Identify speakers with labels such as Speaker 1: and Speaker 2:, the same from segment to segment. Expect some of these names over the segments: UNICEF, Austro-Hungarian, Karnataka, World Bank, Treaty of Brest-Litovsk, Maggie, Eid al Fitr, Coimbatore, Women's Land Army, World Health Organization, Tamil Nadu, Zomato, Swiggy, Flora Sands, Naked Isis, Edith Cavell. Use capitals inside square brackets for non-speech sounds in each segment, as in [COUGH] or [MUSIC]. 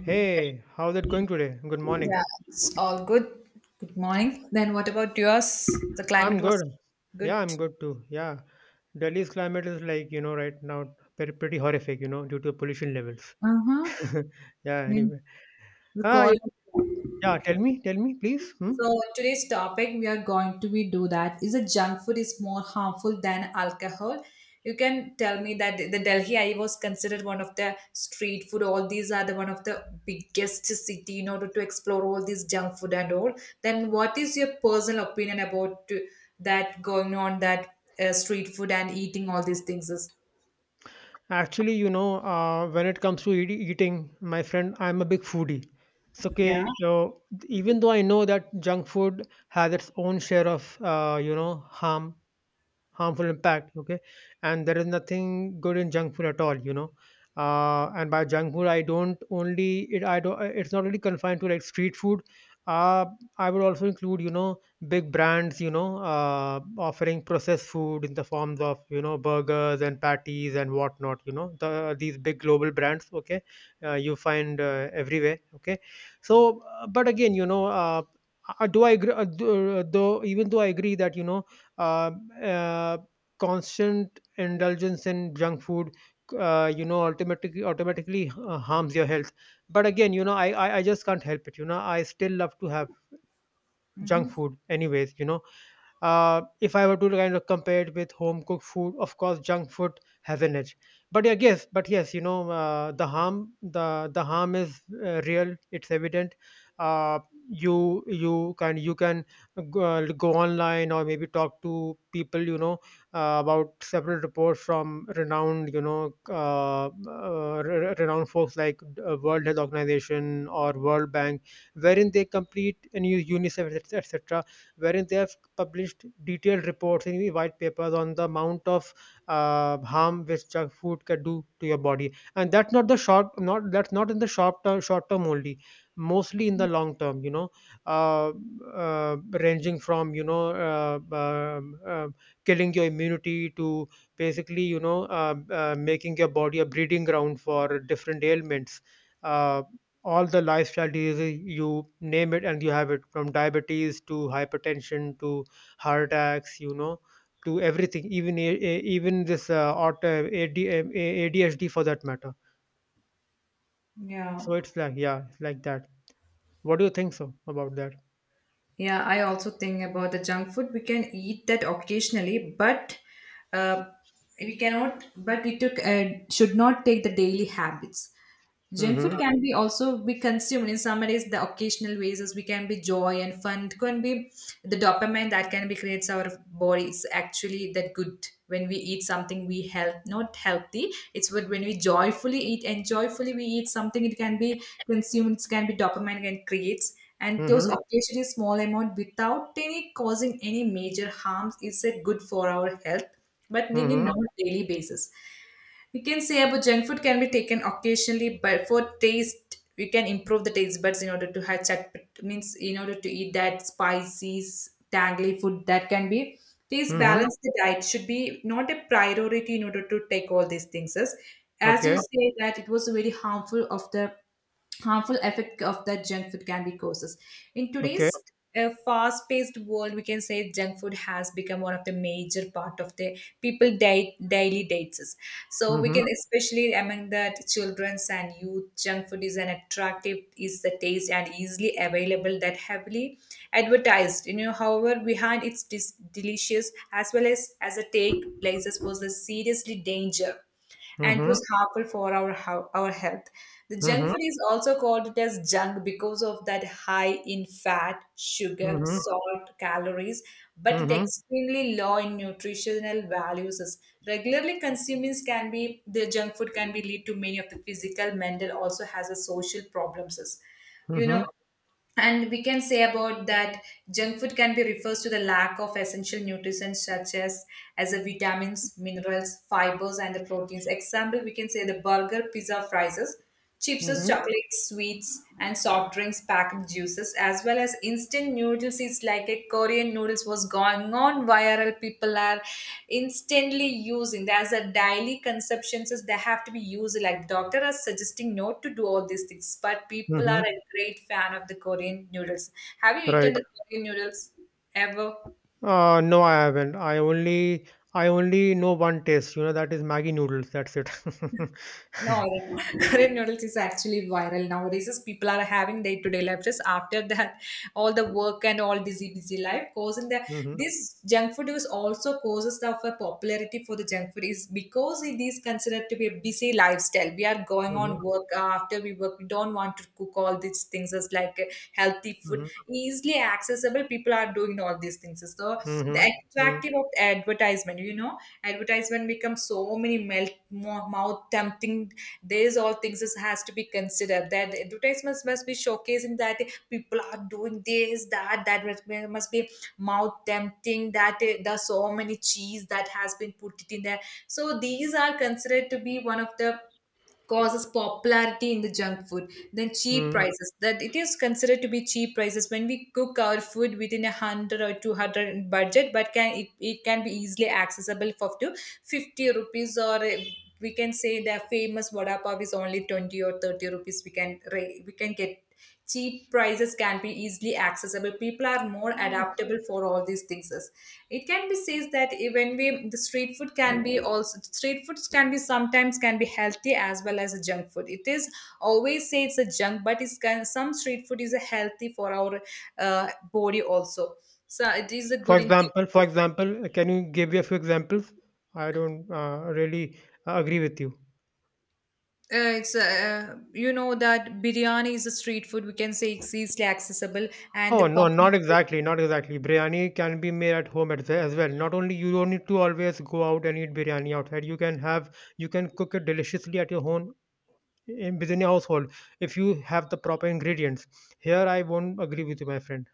Speaker 1: Hey, how's it going today? Good morning.
Speaker 2: Yeah, it's all good. Good morning. Then what about yours? The
Speaker 1: I'm
Speaker 2: climate
Speaker 1: good.
Speaker 2: was
Speaker 1: Yeah,
Speaker 2: good.
Speaker 1: I'm good too. Yeah. Delhi's climate is like, you know, right now pretty horrific, you know, due to pollution levels.
Speaker 2: Uh-huh.
Speaker 1: [LAUGHS] Yeah,
Speaker 2: And
Speaker 1: anyway.
Speaker 2: the
Speaker 1: Ah, y-
Speaker 2: call.
Speaker 1: yeah, tell me, please. Hmm?
Speaker 2: So today's topic we are going to be do that. Is a junk food is more harmful than alcohol? You can tell me that the Delhi I was considered one of the street food. All these are the one of the biggest city in order to explore all these junk food and all. Then what is your personal opinion about that going on that street food and eating all these things is?
Speaker 1: Actually, you know, when it comes to eating, my friend, I'm a big foodie. So,
Speaker 2: Yeah.
Speaker 1: okay, you know, even though I know that junk food has its own share of, you know, harmful impact, okay, and there is nothing good in junk food at all, you know. And by junk food, I don't, it's not really confined to like street food. uh, I would also include, you know, big brands, you know, offering processed food in the forms of, you know, burgers and patties and whatnot, you know, these big global brands, okay. You find everywhere, okay. So but again, you know, do I agree do, though even though I agree that, you know, uh, uh, constant indulgence in junk food, you know, automatically harms your health. But again, you know, I, I just can't help it, you know, I still love to have
Speaker 2: Hmm.
Speaker 1: junk food anyways, you know. If I were to kind of compare it with home cooked food, of course, junk food has an edge. But yes, you know, the harm is real. It's evident. Uh, you can go, go online, or maybe talk to people, you know, about several reports from renowned, you know, renowned folks like World Health Organization or World Bank, wherein they complete and use UNICEF, etc., wherein they have published detailed reports and white papers on the amount of harm which junk food can do to your body. And that's not the short, not that's not in the short term, only. Mostly in the long term, you know, uh, ranging from, you know, killing your immunity to basically, you know, making your body a breeding ground for different ailments. Uh, all the lifestyle diseases, you name it and you have it, from diabetes to hypertension to heart attacks, you know, to everything, even even this adhd for that matter.
Speaker 2: Yeah.
Speaker 1: So it's like, yeah, it's like that. What do you think so about that?
Speaker 2: Yeah, I also think about the junk food. We can eat that occasionally, but uh, we cannot, but it took, should not take the daily habits. Junk food
Speaker 1: Mm-hmm.
Speaker 2: can be also be consumed in some ways. The occasional ways as we can be joy and fun. It can be the dopamine that can be creates our bodies actually that good when we eat something we help not healthy. It's what when we joyfully eat and joyfully we eat something it can be consumed. It can be dopamine can creates and those
Speaker 1: Mm-hmm.
Speaker 2: occasionally small amount without any causing any major harms is a good for our health, but in a
Speaker 1: Mm-hmm.
Speaker 2: not daily basis. We can say about junk food can be taken occasionally, but for taste, we can improve the taste buds in order to have chat means in order to eat that spicy, tangly food that can be. Please
Speaker 1: Mm-hmm.
Speaker 2: balance the diet should be not a priority in order to take all these things. As you
Speaker 1: Okay.
Speaker 2: say that it was very harmful of the harmful effect of that junk food can be causes in
Speaker 1: Okay.
Speaker 2: today's fast-paced world. We can say junk food has become one of the major part of the people diet daily dates, so we
Speaker 1: Mm-hmm.
Speaker 2: can, especially among the children's and youth, junk food is an attractive, is the taste and easily available, that heavily advertised. However, behind its delicious as well as a take places was the seriously danger, and it
Speaker 1: Mm-hmm.
Speaker 2: was harmful for our our health. The junk
Speaker 1: Mm-hmm.
Speaker 2: food is also called it as junk because of that high in fat, sugar,
Speaker 1: Mm-hmm.
Speaker 2: salt, calories, but it
Speaker 1: Mm-hmm.
Speaker 2: extremely low in nutritional values. As regularly consuming can be the junk food can be lead to many of the physical, mental, also has a social problems. As you know,
Speaker 1: Mm-hmm.
Speaker 2: and we can say about that junk food can be refers to the lack of essential nutrients such as a vitamins, minerals, fibers, and the proteins. Example, we can say the burger, pizza, fries, chips,
Speaker 1: Mm-hmm.
Speaker 2: chocolates, sweets, and soft drinks, packed juices, as well as instant noodles is like a Korean noodles was going on viral. People are instantly using as a daily consumptions. Is they have to be used like doctor are suggesting not to do all these things, but people are
Speaker 1: Mm-hmm.
Speaker 2: a great fan of the Korean noodles. Have you
Speaker 1: Right.
Speaker 2: eaten the Korean noodles ever?
Speaker 1: No, I haven't. I only know one taste. You know, that is Maggie noodles. That's it. [LAUGHS]
Speaker 2: No, [LAUGHS] Korean noodles is actually viral nowadays. As people are having day to day life, just after that, all the work and all busy, busy life causing the
Speaker 1: Hmm.
Speaker 2: this junk food is also causes of a popularity for the junk food is because it is considered to be a busy lifestyle. We are going
Speaker 1: Hmm.
Speaker 2: on work, after we work. We don't want to cook all these things as like healthy food easily accessible. People are doing all these things, so
Speaker 1: Hmm.
Speaker 2: the
Speaker 1: Hmm.
Speaker 2: attractive of advertisement you know advertisement becomes so many melt mouth tempting. These all things is, has to be considered that the advertisements must be showcasing that people are doing this, that must be mouth tempting, that there's so many cheese that has been put it in there. So these are considered to be one of the causes popularity in the junk food, then cheap
Speaker 1: Hmm.
Speaker 2: prices, that it is considered to be cheap prices when we cook our food within 100 or 200 budget, but can it can be easily accessible for up to 50 rupees, or we can say the famous vada pav is only 20 or 30 rupees, we can get cheap prices, can be easily accessible, people are more adaptable for all these things. It can be says that even we the street food can be also, street foods can be sometimes can be healthy as well as a junk food, it is always say it's a junk, but it's can, some street food is a healthy for our body also. So it is a good in
Speaker 1: For example, can you give me a few examples? I don't really agree with you.
Speaker 2: it's you know that biryani is a street food, we can say it's easily accessible, and the
Speaker 1: Oh no,
Speaker 2: pav.
Speaker 1: not exactly, not exactly. Biryani can be made at home as well. Not only you don't need to always go out and eat biryani outside. You can cook it deliciously at your home in within your household if you have the proper ingredients. Here, I won't agree with you, my friend.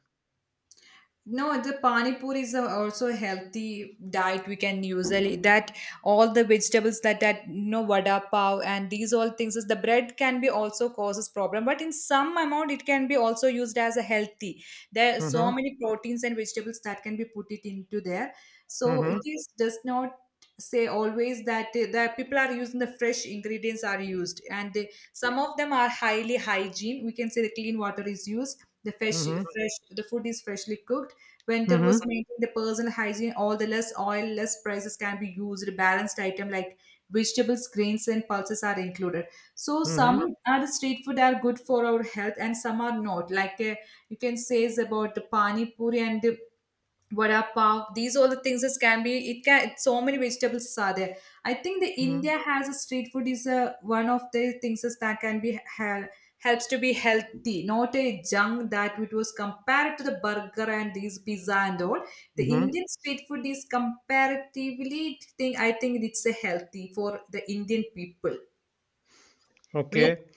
Speaker 2: No, the pani puri is also a healthy diet, we can usually that all the vegetables, that vada pav and these all things is the bread can be also causes problem, but in some amount it can be also used as a healthy. There are so
Speaker 1: Mhm,
Speaker 2: many proteins and vegetables that can be put it into there, so
Speaker 1: mhm,
Speaker 2: it is does not say always that the people are using the fresh ingredients are used and they, some of them are highly hygiene, we can say the clean water is used, the fresh
Speaker 1: mhm,
Speaker 2: fresh the food is freshly cooked. Winter was
Speaker 1: mhm,
Speaker 2: making the personal hygiene, all the less oil, less prices can be used. Balanced item like vegetables, grains, and pulses are included. So
Speaker 1: mhm,
Speaker 2: some are the street food are good for our health, and some are not. Like you can say is about the pani puri and the vada pav, these all the things, this can be, it can, it's so many vegetables are there. I think the
Speaker 1: mhm,
Speaker 2: India has a street food is a one of the things is that can be helps to be healthy, not a junk, that it was compared to the burger and these pizza and all. The
Speaker 1: mhm.
Speaker 2: Indian street food is comparatively thing, I think it's a healthy for the Indian people when it.
Speaker 1: Okay,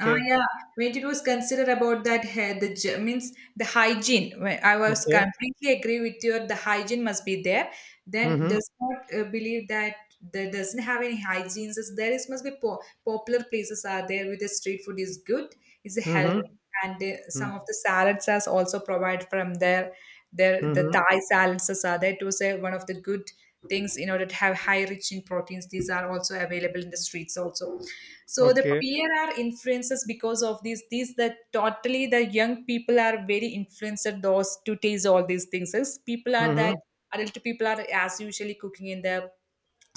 Speaker 2: Ah, yeah. When it was considered about that head, the means the hygiene. When I was
Speaker 1: okay.
Speaker 2: completely agree with you. The hygiene must be there. Then
Speaker 1: Mhm,
Speaker 2: does not believe that there doesn't have any hygienes. There is must be popular places are there with the street food is good. Is healthy,
Speaker 1: mhm,
Speaker 2: and some of
Speaker 1: mhm,
Speaker 2: the salads as also provide from there. There, the
Speaker 1: mhm.
Speaker 2: Thai salads are there. It was one of the good things in order to have high rich in proteins. These are also available in the streets also. So the
Speaker 1: Okay.
Speaker 2: PNR influences because of these. These that totally the young people are very influenced those to taste all these things. As people are that
Speaker 1: Mhm,
Speaker 2: adult people are as usually cooking in the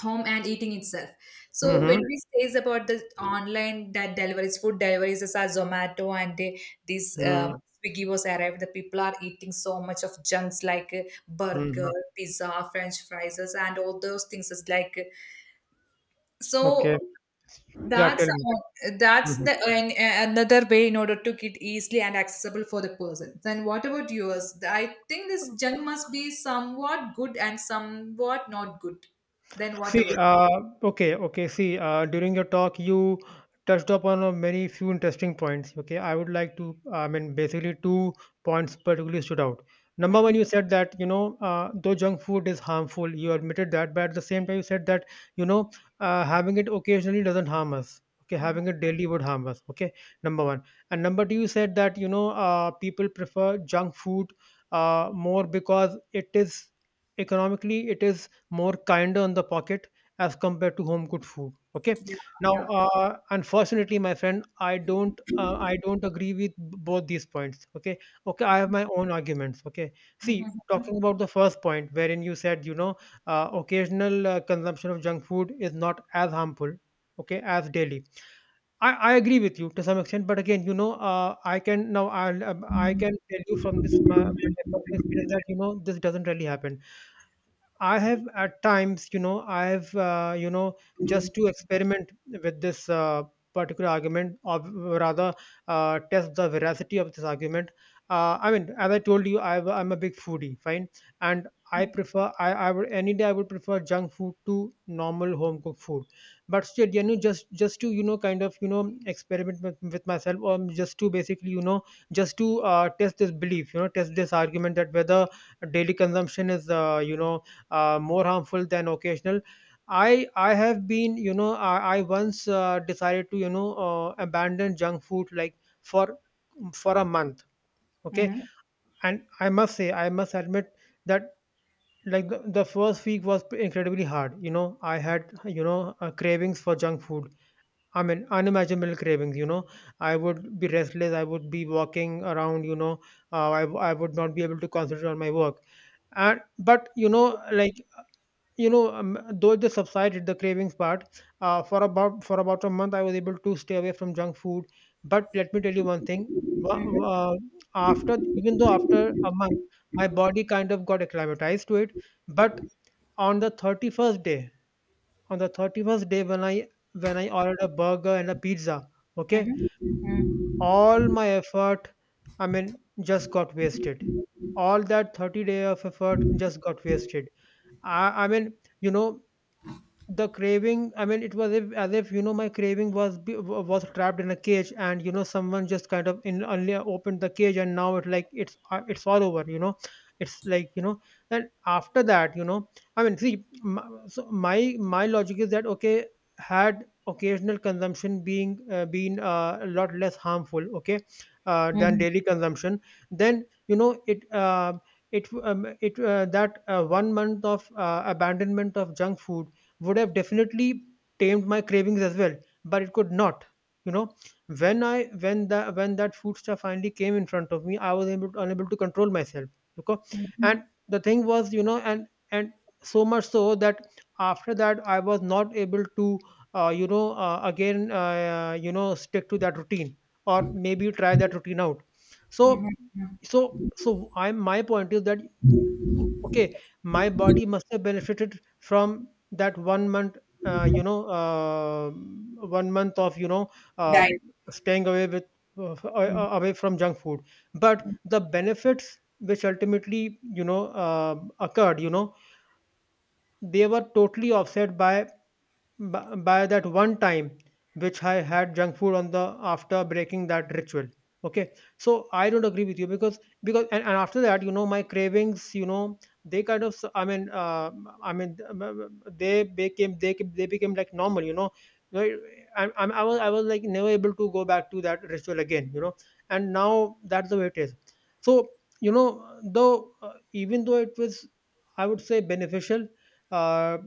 Speaker 2: home and eating itself. So when
Speaker 1: mhm,
Speaker 2: we says about the online that deliveries, food deliveries, as are Zomato and they, these
Speaker 1: mhm,
Speaker 2: Swiggy was arrived, the people are eating so much of junks like burger,
Speaker 1: mhm.
Speaker 2: pizza, French fries, and all those things is like so.
Speaker 1: Okay. Yeah, tell
Speaker 2: That's
Speaker 1: me.
Speaker 2: uh, that's
Speaker 1: Mhm.
Speaker 2: the another way in order to get easily and accessible for the person. Then what about yours? I think this junk must be somewhat good and somewhat not good. Then what
Speaker 1: See,
Speaker 2: about?
Speaker 1: okay, okay. See, during your talk, you touched upon many few interesting points. Okay, I would like to, I mean, basically 2 points particularly stood out. Number one,
Speaker 2: Mm-hmm.
Speaker 1: you said that, you know, though junk food is harmful, you admitted that, but at the same time, you said that, you know, having it occasionally doesn't harm us. Okay, having
Speaker 2: Mhm.
Speaker 1: it daily would harm us. Okay, number one, and number two, you said that, you know, people prefer junk food more because it is economically it is more kinder on the pocket as compared to home cooked food, okay.
Speaker 2: Yeah,
Speaker 1: Now
Speaker 2: yeah.
Speaker 1: unfortunately, my friend, I don't agree with both these points, okay. Okay, I have my own arguments, okay. See,
Speaker 2: Mhm,
Speaker 1: talking
Speaker 2: mhm,
Speaker 1: about the first point wherein you said, you know, occasional consumption of junk food is not as harmful, okay, as daily. I agree with you to some extent, but again, you know, I can, I can tell you from this from my personal experience that, you know, this doesn't really happen. I have at times, you know, I have, you know, just to experiment with this particular argument, or rather test the veracity of this argument. I mean, as I told you, I'm a big foodie, fine, and I prefer, I would any day, I would prefer junk food to normal home cooked food. But still, you know, just to, you know, kind of, you know, experiment with myself, or just to basically, you know, just to test this belief, you know, test this argument that whether daily consumption is, you know, more harmful than occasional. I once decided to, you know, abandon junk food like for for a month. Okay,
Speaker 2: mhm.
Speaker 1: and I must say, I must admit that like the first week was incredibly hard. You know, I had, you know, cravings for junk food. I mean, unimaginable cravings. You know, I would be restless. I would be walking around. You know, I would not be able to concentrate on my work. And but, you know, like, you know, though this subsided the cravings part, for about a month I was able to stay away from junk food. But let me tell you one thing. wa- uh, After, even though, after a month my body kind of got acclimatized to it, but on the 31st day, on the 31st day, when I ordered a burger and a pizza, okay, all my effort, I mean, just got wasted. All that 30 day of effort just got wasted. I mean, you know, the craving, I mean, it was if, as if, you know, my craving was was trapped in a cage, and you know, someone just kind of in only opened the cage and now it like it's all over, you know. It's like, you know, and after that, you know, I mean, see my, so my logic is that, okay, had occasional consumption being been a lot less harmful, okay, than
Speaker 2: Mhm.
Speaker 1: daily consumption, then you know it it it that 1 month of abandonment of junk food would have definitely tamed my cravings as well. But it could not, you know. When I when the when that food stuff finally came in front of me, I was able unable to control myself, okay. And the thing was, you know, and so much so that after that I was not able to you know, again you know, stick to that routine or maybe try that routine out. so so so I my point is that, W okay, my body must have benefited from that 1 month, you know, 1 month of, you know, uh,
Speaker 2: Right.
Speaker 1: staying away with
Speaker 2: Mm.
Speaker 1: away from junk food. But the benefits which ultimately, you know, occurred, you know, they were totally offset by by that one time which I had junk food on the after breaking that ritual. Okay, so I don't agree with you because and after that, you know, my cravings, you know, they kind of I mean, I mean they became, they became like normal, you know. Right? I was like never able to go back to that ritual again, you know. And now that's the way it is. So you know, though, even though it was, I would say, beneficial. Uh,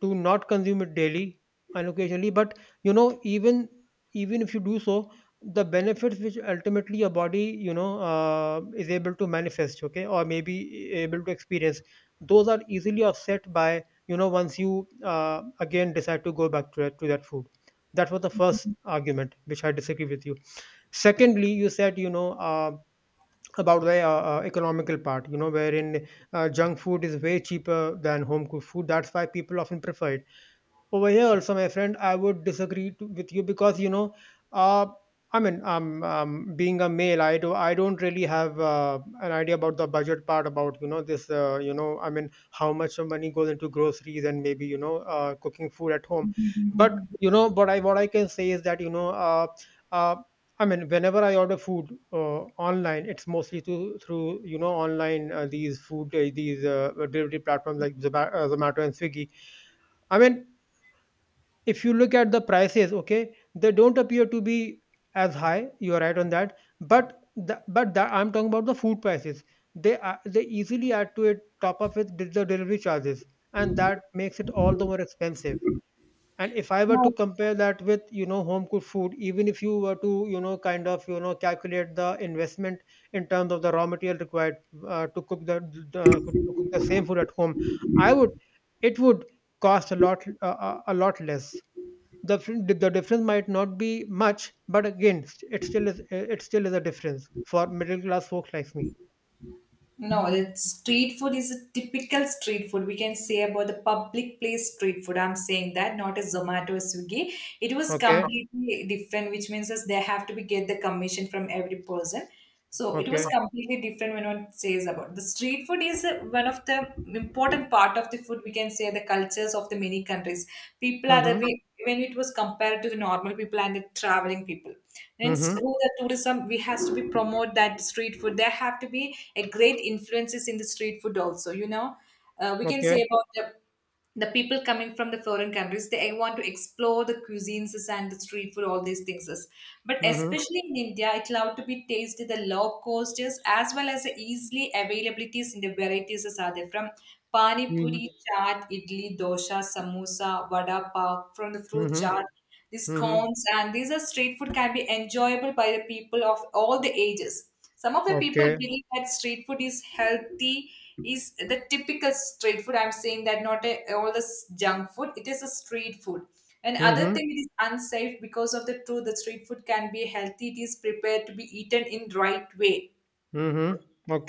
Speaker 1: to not consume it daily and occasionally, but you know, even if you do so, the benefits which ultimately your body, you know, is able to manifest, okay, or maybe able to experience, those are easily offset by, you know, once you again decide to go back to that food. That was the first argument which I disagree with you. Secondly, you said, you know, about the economical part, you know, wherein junk food is way cheaper than home cooked food. That's why people often prefer it. Over here also, my friend, I would disagree with you, because you know, uh, I mean, being a male, I don't really have an idea about the budget part about, you know, this, you know, I mean how much money goes into groceries, and maybe, you know, cooking food at home. But you know what I what I can say is that, you know, uh, I mean, whenever I order food online, it's mostly through, you know, online, these food, these delivery platforms like Zomato and Swiggy. I mean, if you look at the prices, okay, they don't appear to be as high. You are right on that. But that I'm talking about the food prices. They easily add to it, top up with the delivery charges, and that makes it all the more expensive. And if I were to
Speaker 2: No.
Speaker 1: compare that with, you know, home cooked food, even if you were to, you know, kind of, you know, calculate the investment in terms of the raw material required, to cook the to cook the same food at home, I would it would cost a lot less. The the difference might not be much, but again, it still is a difference for middle class folks like me.
Speaker 2: No, the street food is a typical street food. We can say about the public place street food. I'm saying that, not a Zomato or Swiggy. It was
Speaker 1: Okay.
Speaker 2: completely different, which means is they have to be get the commission from every person. So it was
Speaker 1: Okay.
Speaker 2: completely different when one says about the street food is one of the important part of the food. We can say the cultures of the many countries. People are the
Speaker 1: Mhm.
Speaker 2: way when it was compared to the normal people and the travel. Traveling people, hence
Speaker 1: Mhm.
Speaker 2: through the tourism, we has to be promote that street food, there have to be a great influences in the street food also. We can
Speaker 1: Okay.
Speaker 2: say about the people coming from the foreign countries, they want to explore the cuisines and the street food all these things, but
Speaker 1: Mhm.
Speaker 2: especially in India it allowed to be tasted the low costs as well as the easily availabilities in the varieties as are there from pani puri,
Speaker 1: Mhm.
Speaker 2: chaat, idli, dosha, samosa, vada pav, from the fruit
Speaker 1: Mhm.
Speaker 2: chaat, these
Speaker 1: Mhm.
Speaker 2: cones, and these are street food can be enjoyable by the people of all the ages. Some of the people
Speaker 1: Okay.
Speaker 2: believe that street food is healthy, is the typical street food. I'm saying that not a, all this junk food. It is a street food. And other
Speaker 1: Mhm.
Speaker 2: thing it is unsafe because of the truth. The street food can be healthy. It is prepared to be eaten in right way.
Speaker 1: Mhm.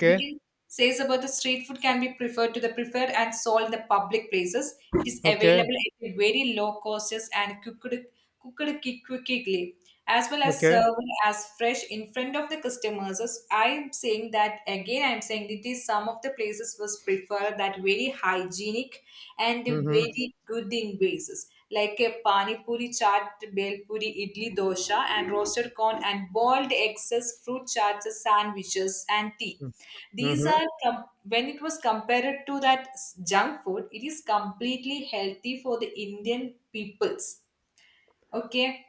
Speaker 2: We can says about the street food can be preferred to the preferred and sold in the public places. It is available
Speaker 1: Okay.
Speaker 2: at a very low costs and cooked quickly, as well as
Speaker 1: Okay.
Speaker 2: served as fresh in front of the customers. As I'm saying that again, I'm saying it is some of the places was preferred that very hygienic and
Speaker 1: Mhm.
Speaker 2: very good in bases like a pani puri chaat, bel puri, idli dosha, and roasted corn and boiled eggs, fruit chaats, sandwiches, and tea.
Speaker 1: Mhm. Mhm.
Speaker 2: When it was compared to that junk food, it is completely healthy for the Indian peoples. Okay,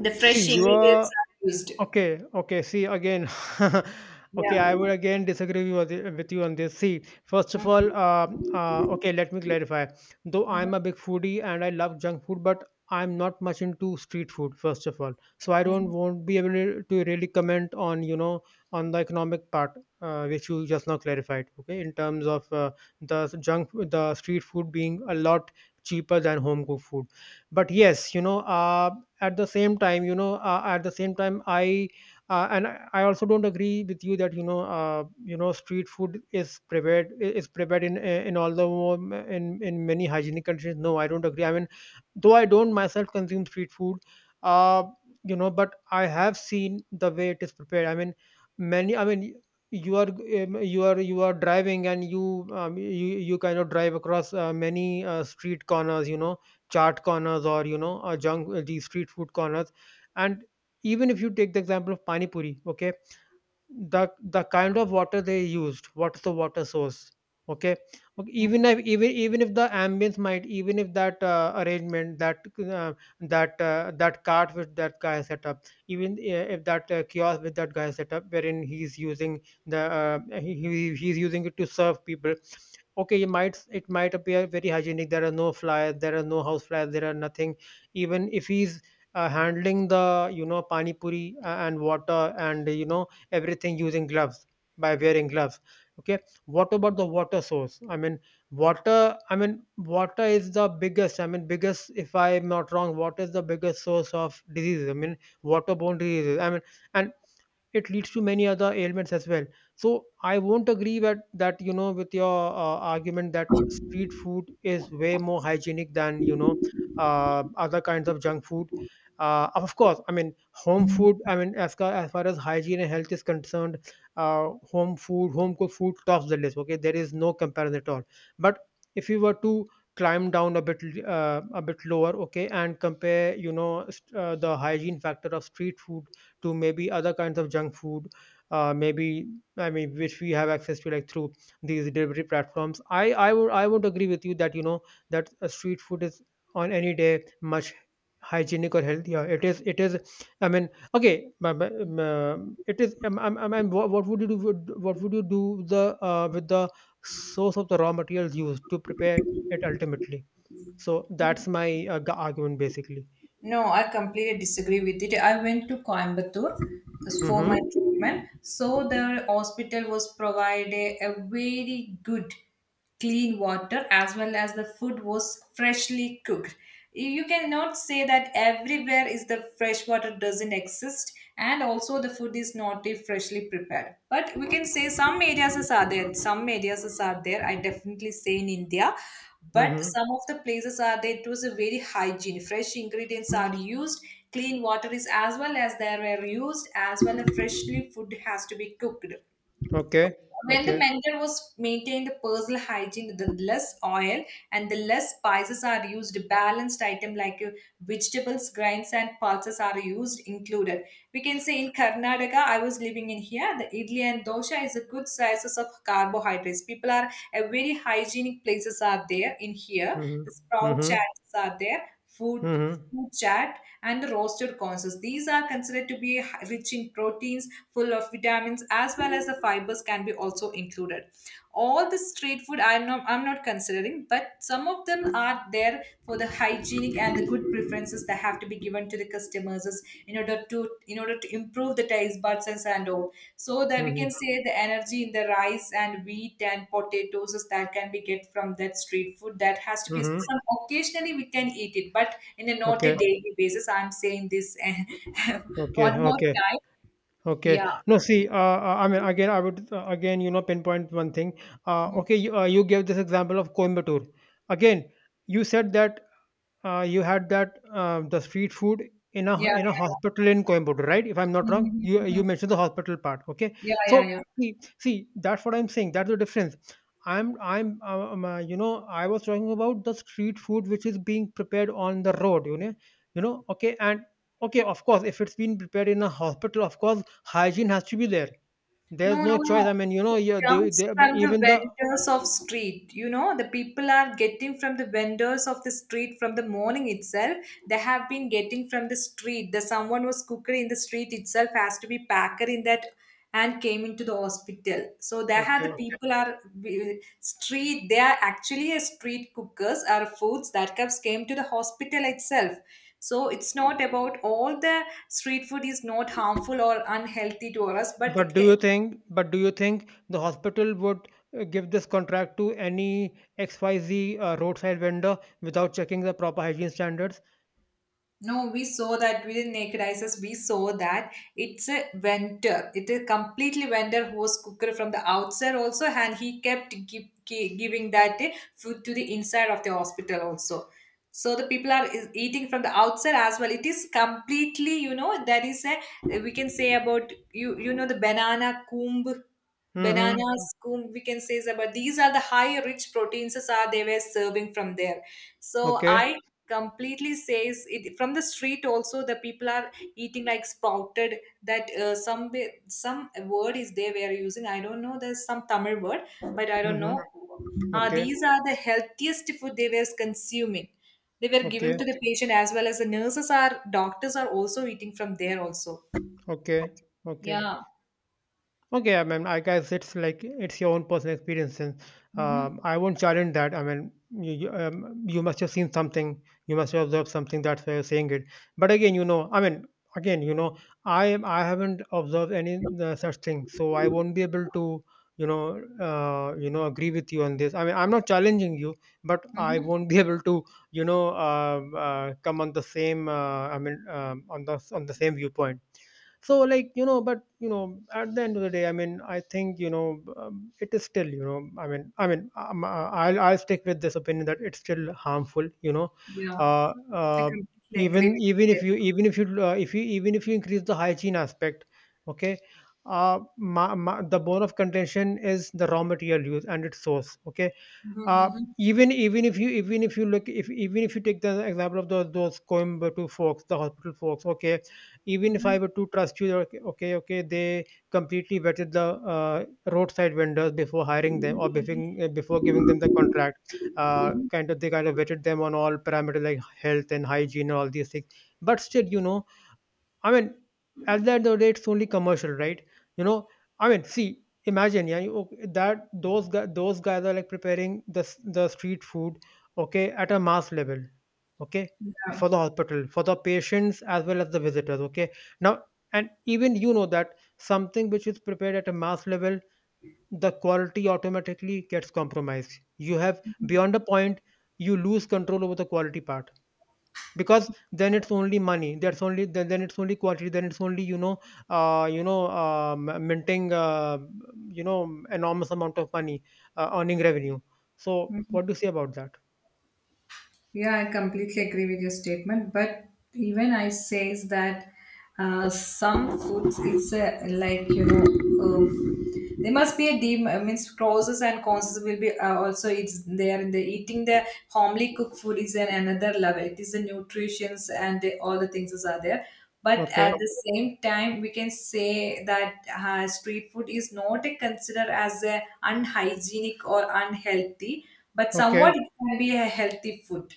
Speaker 2: the fresh
Speaker 1: See, you
Speaker 2: ingredients
Speaker 1: are.
Speaker 2: are used.
Speaker 1: Okay, okay. See again. [LAUGHS] Okay,
Speaker 2: Yeah.
Speaker 1: I would again disagree with you on this. See, first of all,
Speaker 2: Mhm,
Speaker 1: okay, let me clarify. Though I'm a big foodie and I love junk food, but I'm not much into street food. First of all, so I don't
Speaker 2: mhm.
Speaker 1: won't be able to really comment on, you know, on the economic part, which you just now clarified. Okay, in terms of, the street food being a lot cheaper than home cooked food. But yes, you know. At the same time, you know, at the same time, I and I also don't agree with you that, you know, you know, street food is prepared, in eh, in all the more- in many hygienic conditions. No, I don't agree, I mean. Though I don't myself consume street food, uh, you know, but I have seen the way it is prepared. I mean, you are— you are driving, and you kind of drive across many street corners, you know. Chart corners, or, you know, junk, these street food corners, and even if you take the example of pani puri, okay, the kind of water they used, what's the water source? Okay, okay, even if even if the ambience might— even if that, arrangement, that, that, that cart with that guy set up, even if that, kiosk with that guy set up, wherein he's using the, he's using it to serve people. Okay, it might appear very hygienic. There are no flies, there are no house flies, there are nothing. Even if he's handling the, you know, pani puri, and water, and, you know, everything using gloves, by wearing gloves. Okay, what about the water source? I mean, water— I mean, water is the biggest— I mean, biggest— if I am not wrong, water is the biggest source of diseases, I mean, waterborne diseases, I mean. And it leads to many other ailments as well. So I won't agree that you know, with your argument that street food is way more hygienic than, you know, other kinds of junk food. Of course, I mean home food, I mean, far as hygiene and health is concerned, uh, home cooked food tops the list. Okay, there is no comparison at all. But, if you were to climb down a bit lower, okay, and compare, you know, the hygiene factor of street food to maybe other kinds of junk food, maybe, I mean, which we have access to, like, through these delivery platforms. I would agree with you that, you know, that, street food is, on any day, much hygienic or healthier. It is, I mean, okay, but, it is, what would you do the with the source of the raw materials used to prepare it ultimately. So that's my, argument, basically.
Speaker 2: No, I completely disagree with it. I went to Coimbatore for my
Speaker 1: Mm-hmm.
Speaker 2: treatment. So the hospital was provided a very good clean water as well as the food was freshly cooked. You cannot say that everywhere is the fresh water doesn't exist and also the food is not if freshly prepared, but we can say some areas is are there. I definitely say in India, but
Speaker 1: Mm-hmm.
Speaker 2: some of the places are there. It was a very hygiene, fresh ingredients are used, clean water is as well as there were used, as well as freshly food has to be cooked
Speaker 1: Okay.
Speaker 2: when the
Speaker 1: Okay.
Speaker 2: mentor was maintained the personal hygiene, the less oil and the less spices are used, balanced item like vegetables, grains, and pulses are used included. We can say in Karnataka, I was living in here, the idli and dosha is a good sources of carbohydrates. People are a very hygienic places are there in here,
Speaker 1: Mhm.
Speaker 2: the sprout
Speaker 1: Mhm.
Speaker 2: chats are there, food
Speaker 1: Mhm.
Speaker 2: food chat, and the roasted consoles. These are considered to be rich in proteins, full of vitamins, as well as the fibers can be also included. All the street food I'm not considering, but some of them are there for the hygienic and the good preferences that have to be given to the customers is in order to improve the taste buds and all, so that we can
Speaker 1: Mhm.
Speaker 2: say the energy in the rice and wheat and potatoes is that can be get from that street food that has to be
Speaker 1: Mhm.
Speaker 2: some occasionally we can eat it but in a not a
Speaker 1: Okay.
Speaker 2: daily basis, I'm saying this [LAUGHS]
Speaker 1: Okay.
Speaker 2: one more
Speaker 1: Okay.
Speaker 2: time,
Speaker 1: Okay.
Speaker 2: yeah,
Speaker 1: No, see, I mean, again, I would, again, you know, pinpoint one thing.
Speaker 2: yeah,
Speaker 1: Okay, you gave this example of Coimbatore. Again, you said that, you had that, the street food in a
Speaker 2: yeah, yeah, yeah. [LAUGHS]
Speaker 1: hospital in Coimbatore, right? If I'm not wrong,
Speaker 2: Mhm, mhm,
Speaker 1: you
Speaker 2: mhm.
Speaker 1: you mentioned the hospital part. Okay,
Speaker 2: Yeah,
Speaker 1: so,
Speaker 2: yeah, yeah.
Speaker 1: see, that's what I'm saying. That's the difference. I'm you know I was talking about the street food which is being prepared on the road. You know, you know, okay, and okay, of course, if it's been prepared in a hospital, of course hygiene has to be there. There's
Speaker 2: No, no,
Speaker 1: no choice.
Speaker 2: no.
Speaker 1: I mean, you know,
Speaker 2: It
Speaker 1: yeah, they
Speaker 2: comes
Speaker 1: they
Speaker 2: from the
Speaker 1: even the—
Speaker 2: vendors of street. You know, the people are getting from the vendors of the street from the morning itself. They have been getting from the street. The someone was cooker in the street itself has to be packer in that and came into the hospital. So they had
Speaker 1: okay.
Speaker 2: the people are street. They are actually a street cookers are foods that comes came to the hospital itself. So it's not about all the street food is not harmful or unhealthy to us, but
Speaker 1: But
Speaker 2: it
Speaker 1: do
Speaker 2: can.
Speaker 1: you think, but do you think the hospital would, give this contract to any XYZ, roadside vendor without checking the proper hygiene standards?
Speaker 2: No, we saw that with Naked Isis. We saw that it's a vendor. It is completely vendor host cooker from the outside also, and he kept giving that food to the inside of the hospital also. So the people are is eating from the outside as well. It is completely, you know, that is a, we can say about you, the banana kumb
Speaker 1: Mm-hmm.
Speaker 2: bananas, kumb. We can say is about these are the high rich proteins are they were serving from there. So
Speaker 1: Okay.
Speaker 2: I completely says it from the street also the people are eating like sprouted that some word is they were using, I don't know, there's some Tamil word but I don't
Speaker 1: Mm-hmm.
Speaker 2: know.
Speaker 1: Okay.
Speaker 2: These are the healthiest food they were consuming, they were giving
Speaker 1: Okay.
Speaker 2: to the, okay, patient as well as the nurses are doctors are also eating from there also.
Speaker 1: Okay. Okay.
Speaker 2: Yeah.
Speaker 1: Okay, I mean, I guess it's like it's your own personal experience, and,
Speaker 2: Mm-hmm.
Speaker 1: I won't challenge that. I mean, you must have seen something, you must have observed something. That's why you're saying it. But again, you know, I mean, again, you know, I haven't observed any such thing, so I won't be able to, you know, agree with you on this. I mean, I'm not challenging you, but I
Speaker 2: Mm-hmm.
Speaker 1: won't be [LAUGHS] able to, you know, come on the same. I mean, on the same viewpoint. So, like, you know, but, you know, at the end of the day, I mean, I think, you know, it is still, you know, I'll stick with this opinion that it's still harmful, you know.
Speaker 2: Yeah,
Speaker 1: uh,
Speaker 2: I
Speaker 1: uh
Speaker 2: completely agree
Speaker 1: even
Speaker 2: with that.
Speaker 1: even if you Even if you increase the hygiene aspect. Okay, ma ma the bone of contention is the raw material use and its source. Okay, uh,
Speaker 2: Mm-hmm.
Speaker 1: even even if you look if even if you take the example of those Coimbatore folks, the hospital folks, okay, even if I
Speaker 2: Mm-hmm.
Speaker 1: were to trust you, okay, okay, okay, they completely vetted the, uh, roadside vendors, before hiring them or before giving them the contract. Uh,
Speaker 2: Mm-hmm.
Speaker 1: kind of they kind of vetted them on all parameters like health and hygiene and all these things. But still, you know, I mean, at the end of the day, it's only commercial, right? You know, I mean, see, imagine, yeah, you, okay, that, those guys are like preparing the street food, okay, at a mass level, okay,
Speaker 2: Yeah.
Speaker 1: for the hospital, for the patients as well as the visitors, okay. Now, and even, you know, that something which is prepared at a mass level, the quality automatically gets compromised. You have, beyond a point, you lose control over the quality part, because then it's only money, then it's only quantity, then it's only, you know, you know, minting, you know, enormous amount of money, earning revenue. So what do you say about that?
Speaker 2: Yeah, I completely agree with your statement. But even I says that some foods, it's a, like there must be a dem I means causes and causes will be also it's there in the eating the homely cooked food is an another level. It is the nutritions and the, all the things is are there. But
Speaker 1: Okay.
Speaker 2: at the same time, we can say that street food is not a considered as a unhygienic or unhealthy, but
Speaker 1: Okay.
Speaker 2: somewhat it can be a healthy food.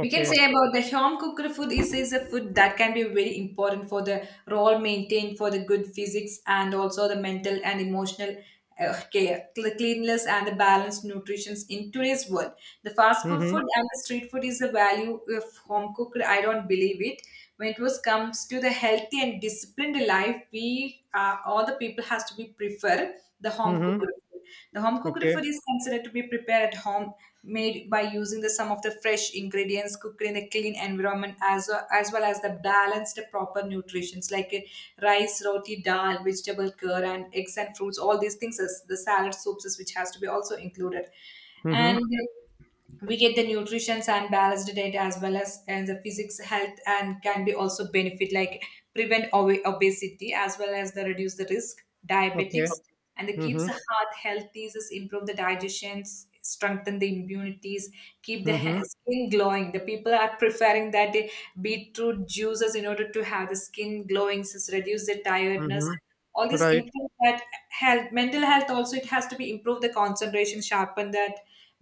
Speaker 2: We can say about the home cooked food is a food that can be very important for the role maintained for the good physics and also the mental and emotional care, cleanliness and the balanced nutrition in today's world. The fast food
Speaker 1: Mm-hmm.
Speaker 2: food and the street food is the value of home cooked. I don't believe it. When it was comes to the healthy and disciplined life, we all the people has to be prefer the home
Speaker 1: Mm-hmm.
Speaker 2: cooked. The home cooked food
Speaker 1: Okay.
Speaker 2: is considered to be prepared at home, made by using the some of the fresh ingredients cooked in a clean environment, as well as the balanced proper nutritions like rice, roti, dal, vegetable curd, and eggs and fruits. All these things, as the salad soups, is which has to be also included. And
Speaker 1: Mm-hmm.
Speaker 2: we get the nutrition and balanced diet as well as and the physics health and can be also benefit like prevent obesity as well as the reduce the risk
Speaker 1: Okay.
Speaker 2: diabetics and the keeps
Speaker 1: Mm-hmm.
Speaker 2: the heart healthy is improve the digestions strengthen the immunities, keep the
Speaker 1: Mm-hmm.
Speaker 2: skin glowing, the people are preferring that they beetroot juices in order to have the skin glowing so reduce the tiredness,
Speaker 1: Mm-hmm.
Speaker 2: all this
Speaker 1: Right.
Speaker 2: improve that health mental health also, it has to be improve the concentration sharpen that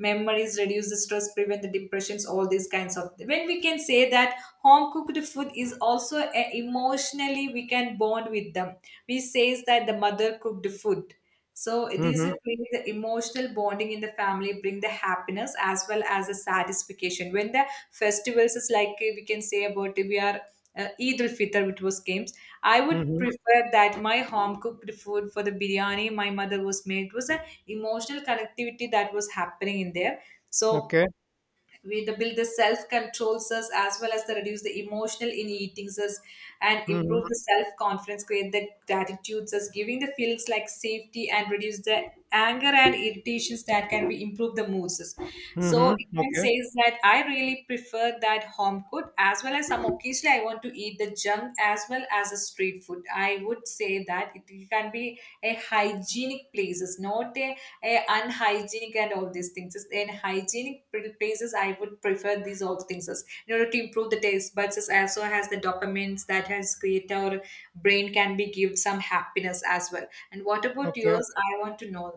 Speaker 2: memories reduce the stress prevent the depressions, all these kinds of when we can say that home cooked food is also a, emotionally we can bond with them, we says that the mother cooked food, so it is a
Speaker 1: Mm-hmm.
Speaker 2: create the emotional bonding in the family bring the happiness as well as the satisfaction when the festivals is like we can say about we are Eid al Fitr which was came, I would
Speaker 1: Mm-hmm.
Speaker 2: prefer that my home cooked food for the biryani my mother was made was an emotional connectivity that was happening in there. So
Speaker 1: Okay.
Speaker 2: we the build the self controls us as well as the reduce the emotional in eating us and improve
Speaker 1: Mm-hmm.
Speaker 2: the self confidence, create the gratitudes us, giving the feelings like safety and reduce the anger and irritations that can be improve the moods us. So it
Speaker 1: Mm-hmm.
Speaker 2: can say
Speaker 1: Okay.
Speaker 2: is that I really prefer that home cooked as well as some occasionally I want to eat the junk as well as a street food, I would say that it can be a hygienic places not a unhygienic and all these things. It's in hygienic places, I would prefer these all things as in order to improve the taste buds as well as the dopamines that has created our brain can be give some happiness as well. And what about
Speaker 1: Okay.
Speaker 2: yours, I want to know.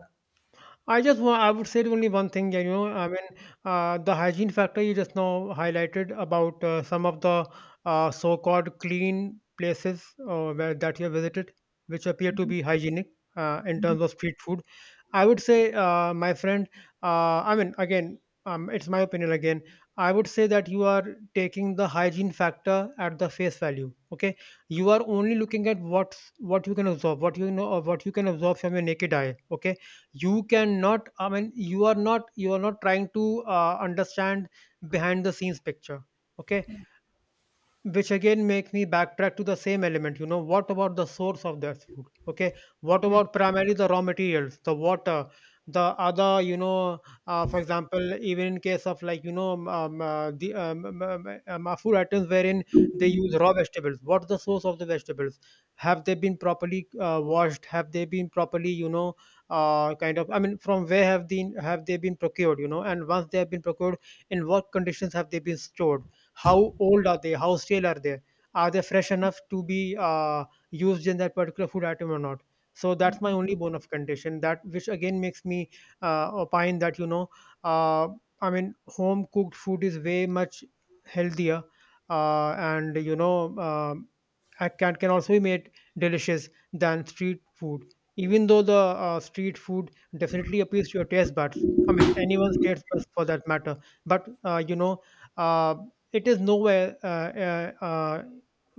Speaker 1: I would say only one thing. You know, I mean, the hygiene factor you just now highlighted about, some of the, so-called clean places, where that you have visited, which appear to be hygienic, in terms of street food. I would say, my friend. I mean, again, it's my opinion. Again, I would say that you are taking the hygiene factor at the face value. Okay, you are only looking at what you can absorb, what you know, or what you can absorb from your naked eye. Okay, you cannot, I mean, you are not, trying to understand behind the scenes picture. Okay, which again makes me backtrack to the same element. You know, what about the source of that food? Okay, what about primarily the raw materials, the water, the other, you know, for example, even in case of, like, you know, the, food items wherein they use raw vegetables. What's the source of the vegetables? Have they been properly, washed? Have they been properly, you know, kind of, I mean, from where have they been procured, you know, and once they have been procured, in what conditions have they been stored? How old are they? How stale are they? Are they fresh enough to be, used in that particular food item or not? So that's my only bone of contention, that which again makes me, opine that, you know, uh, I mean home cooked food is way much healthier, and you know, I can also be made delicious than street food. Even though the, street food definitely appeals to your taste buds, I mean, anyone's taste buds for that matter. But, you know, uh, it is nowhere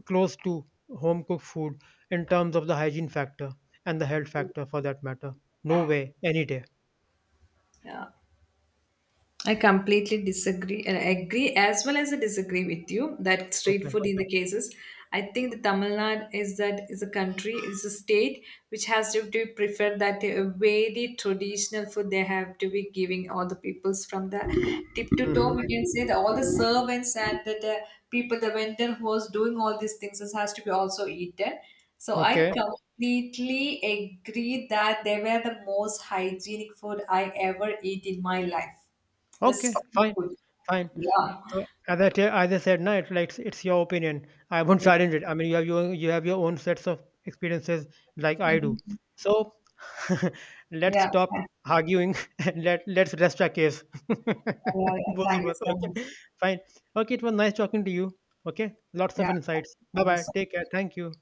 Speaker 1: close to home cooked food in terms of the hygiene factor and the health factor for that matter. No way, any day.
Speaker 2: Yeah, I completely disagree and agree as well as I disagree with you that street
Speaker 1: Okay.
Speaker 2: food in the cases. I think the Tamil Nadu is that is a country is a state which has to prefer that very traditional food they have to be giving all the peoples from the tip to toe.
Speaker 1: Hmm.
Speaker 2: We can say that all the servants and that the people the vendor who was doing all these things this has to be also eaten. So I
Speaker 1: Okay.
Speaker 2: completely agree that they were the most hygienic food I ever eat in my life. The
Speaker 1: Okay.
Speaker 2: street
Speaker 1: Fine.
Speaker 2: food.
Speaker 1: Fine.
Speaker 2: Yeah.
Speaker 1: So, as I said, no, it's like it's your opinion. I won't [LAUGHS]
Speaker 2: Yeah.
Speaker 1: challenge it. I mean, you have your own sets of experiences like I do.
Speaker 2: Mhm.
Speaker 1: So [LAUGHS] let's
Speaker 2: Yeah.
Speaker 1: stop
Speaker 2: Yeah.
Speaker 1: arguing [LAUGHS] and let's rest our case. [LAUGHS]
Speaker 2: Yeah. Yeah.
Speaker 1: Both of
Speaker 2: Thank you
Speaker 1: us.
Speaker 2: so much.
Speaker 1: Okay. Fine. Okay, it was nice talking to you. Okay. Lots of
Speaker 2: Yeah.
Speaker 1: insights. Bye
Speaker 2: Thank you
Speaker 1: bye.
Speaker 2: so
Speaker 1: Take care. Thank you.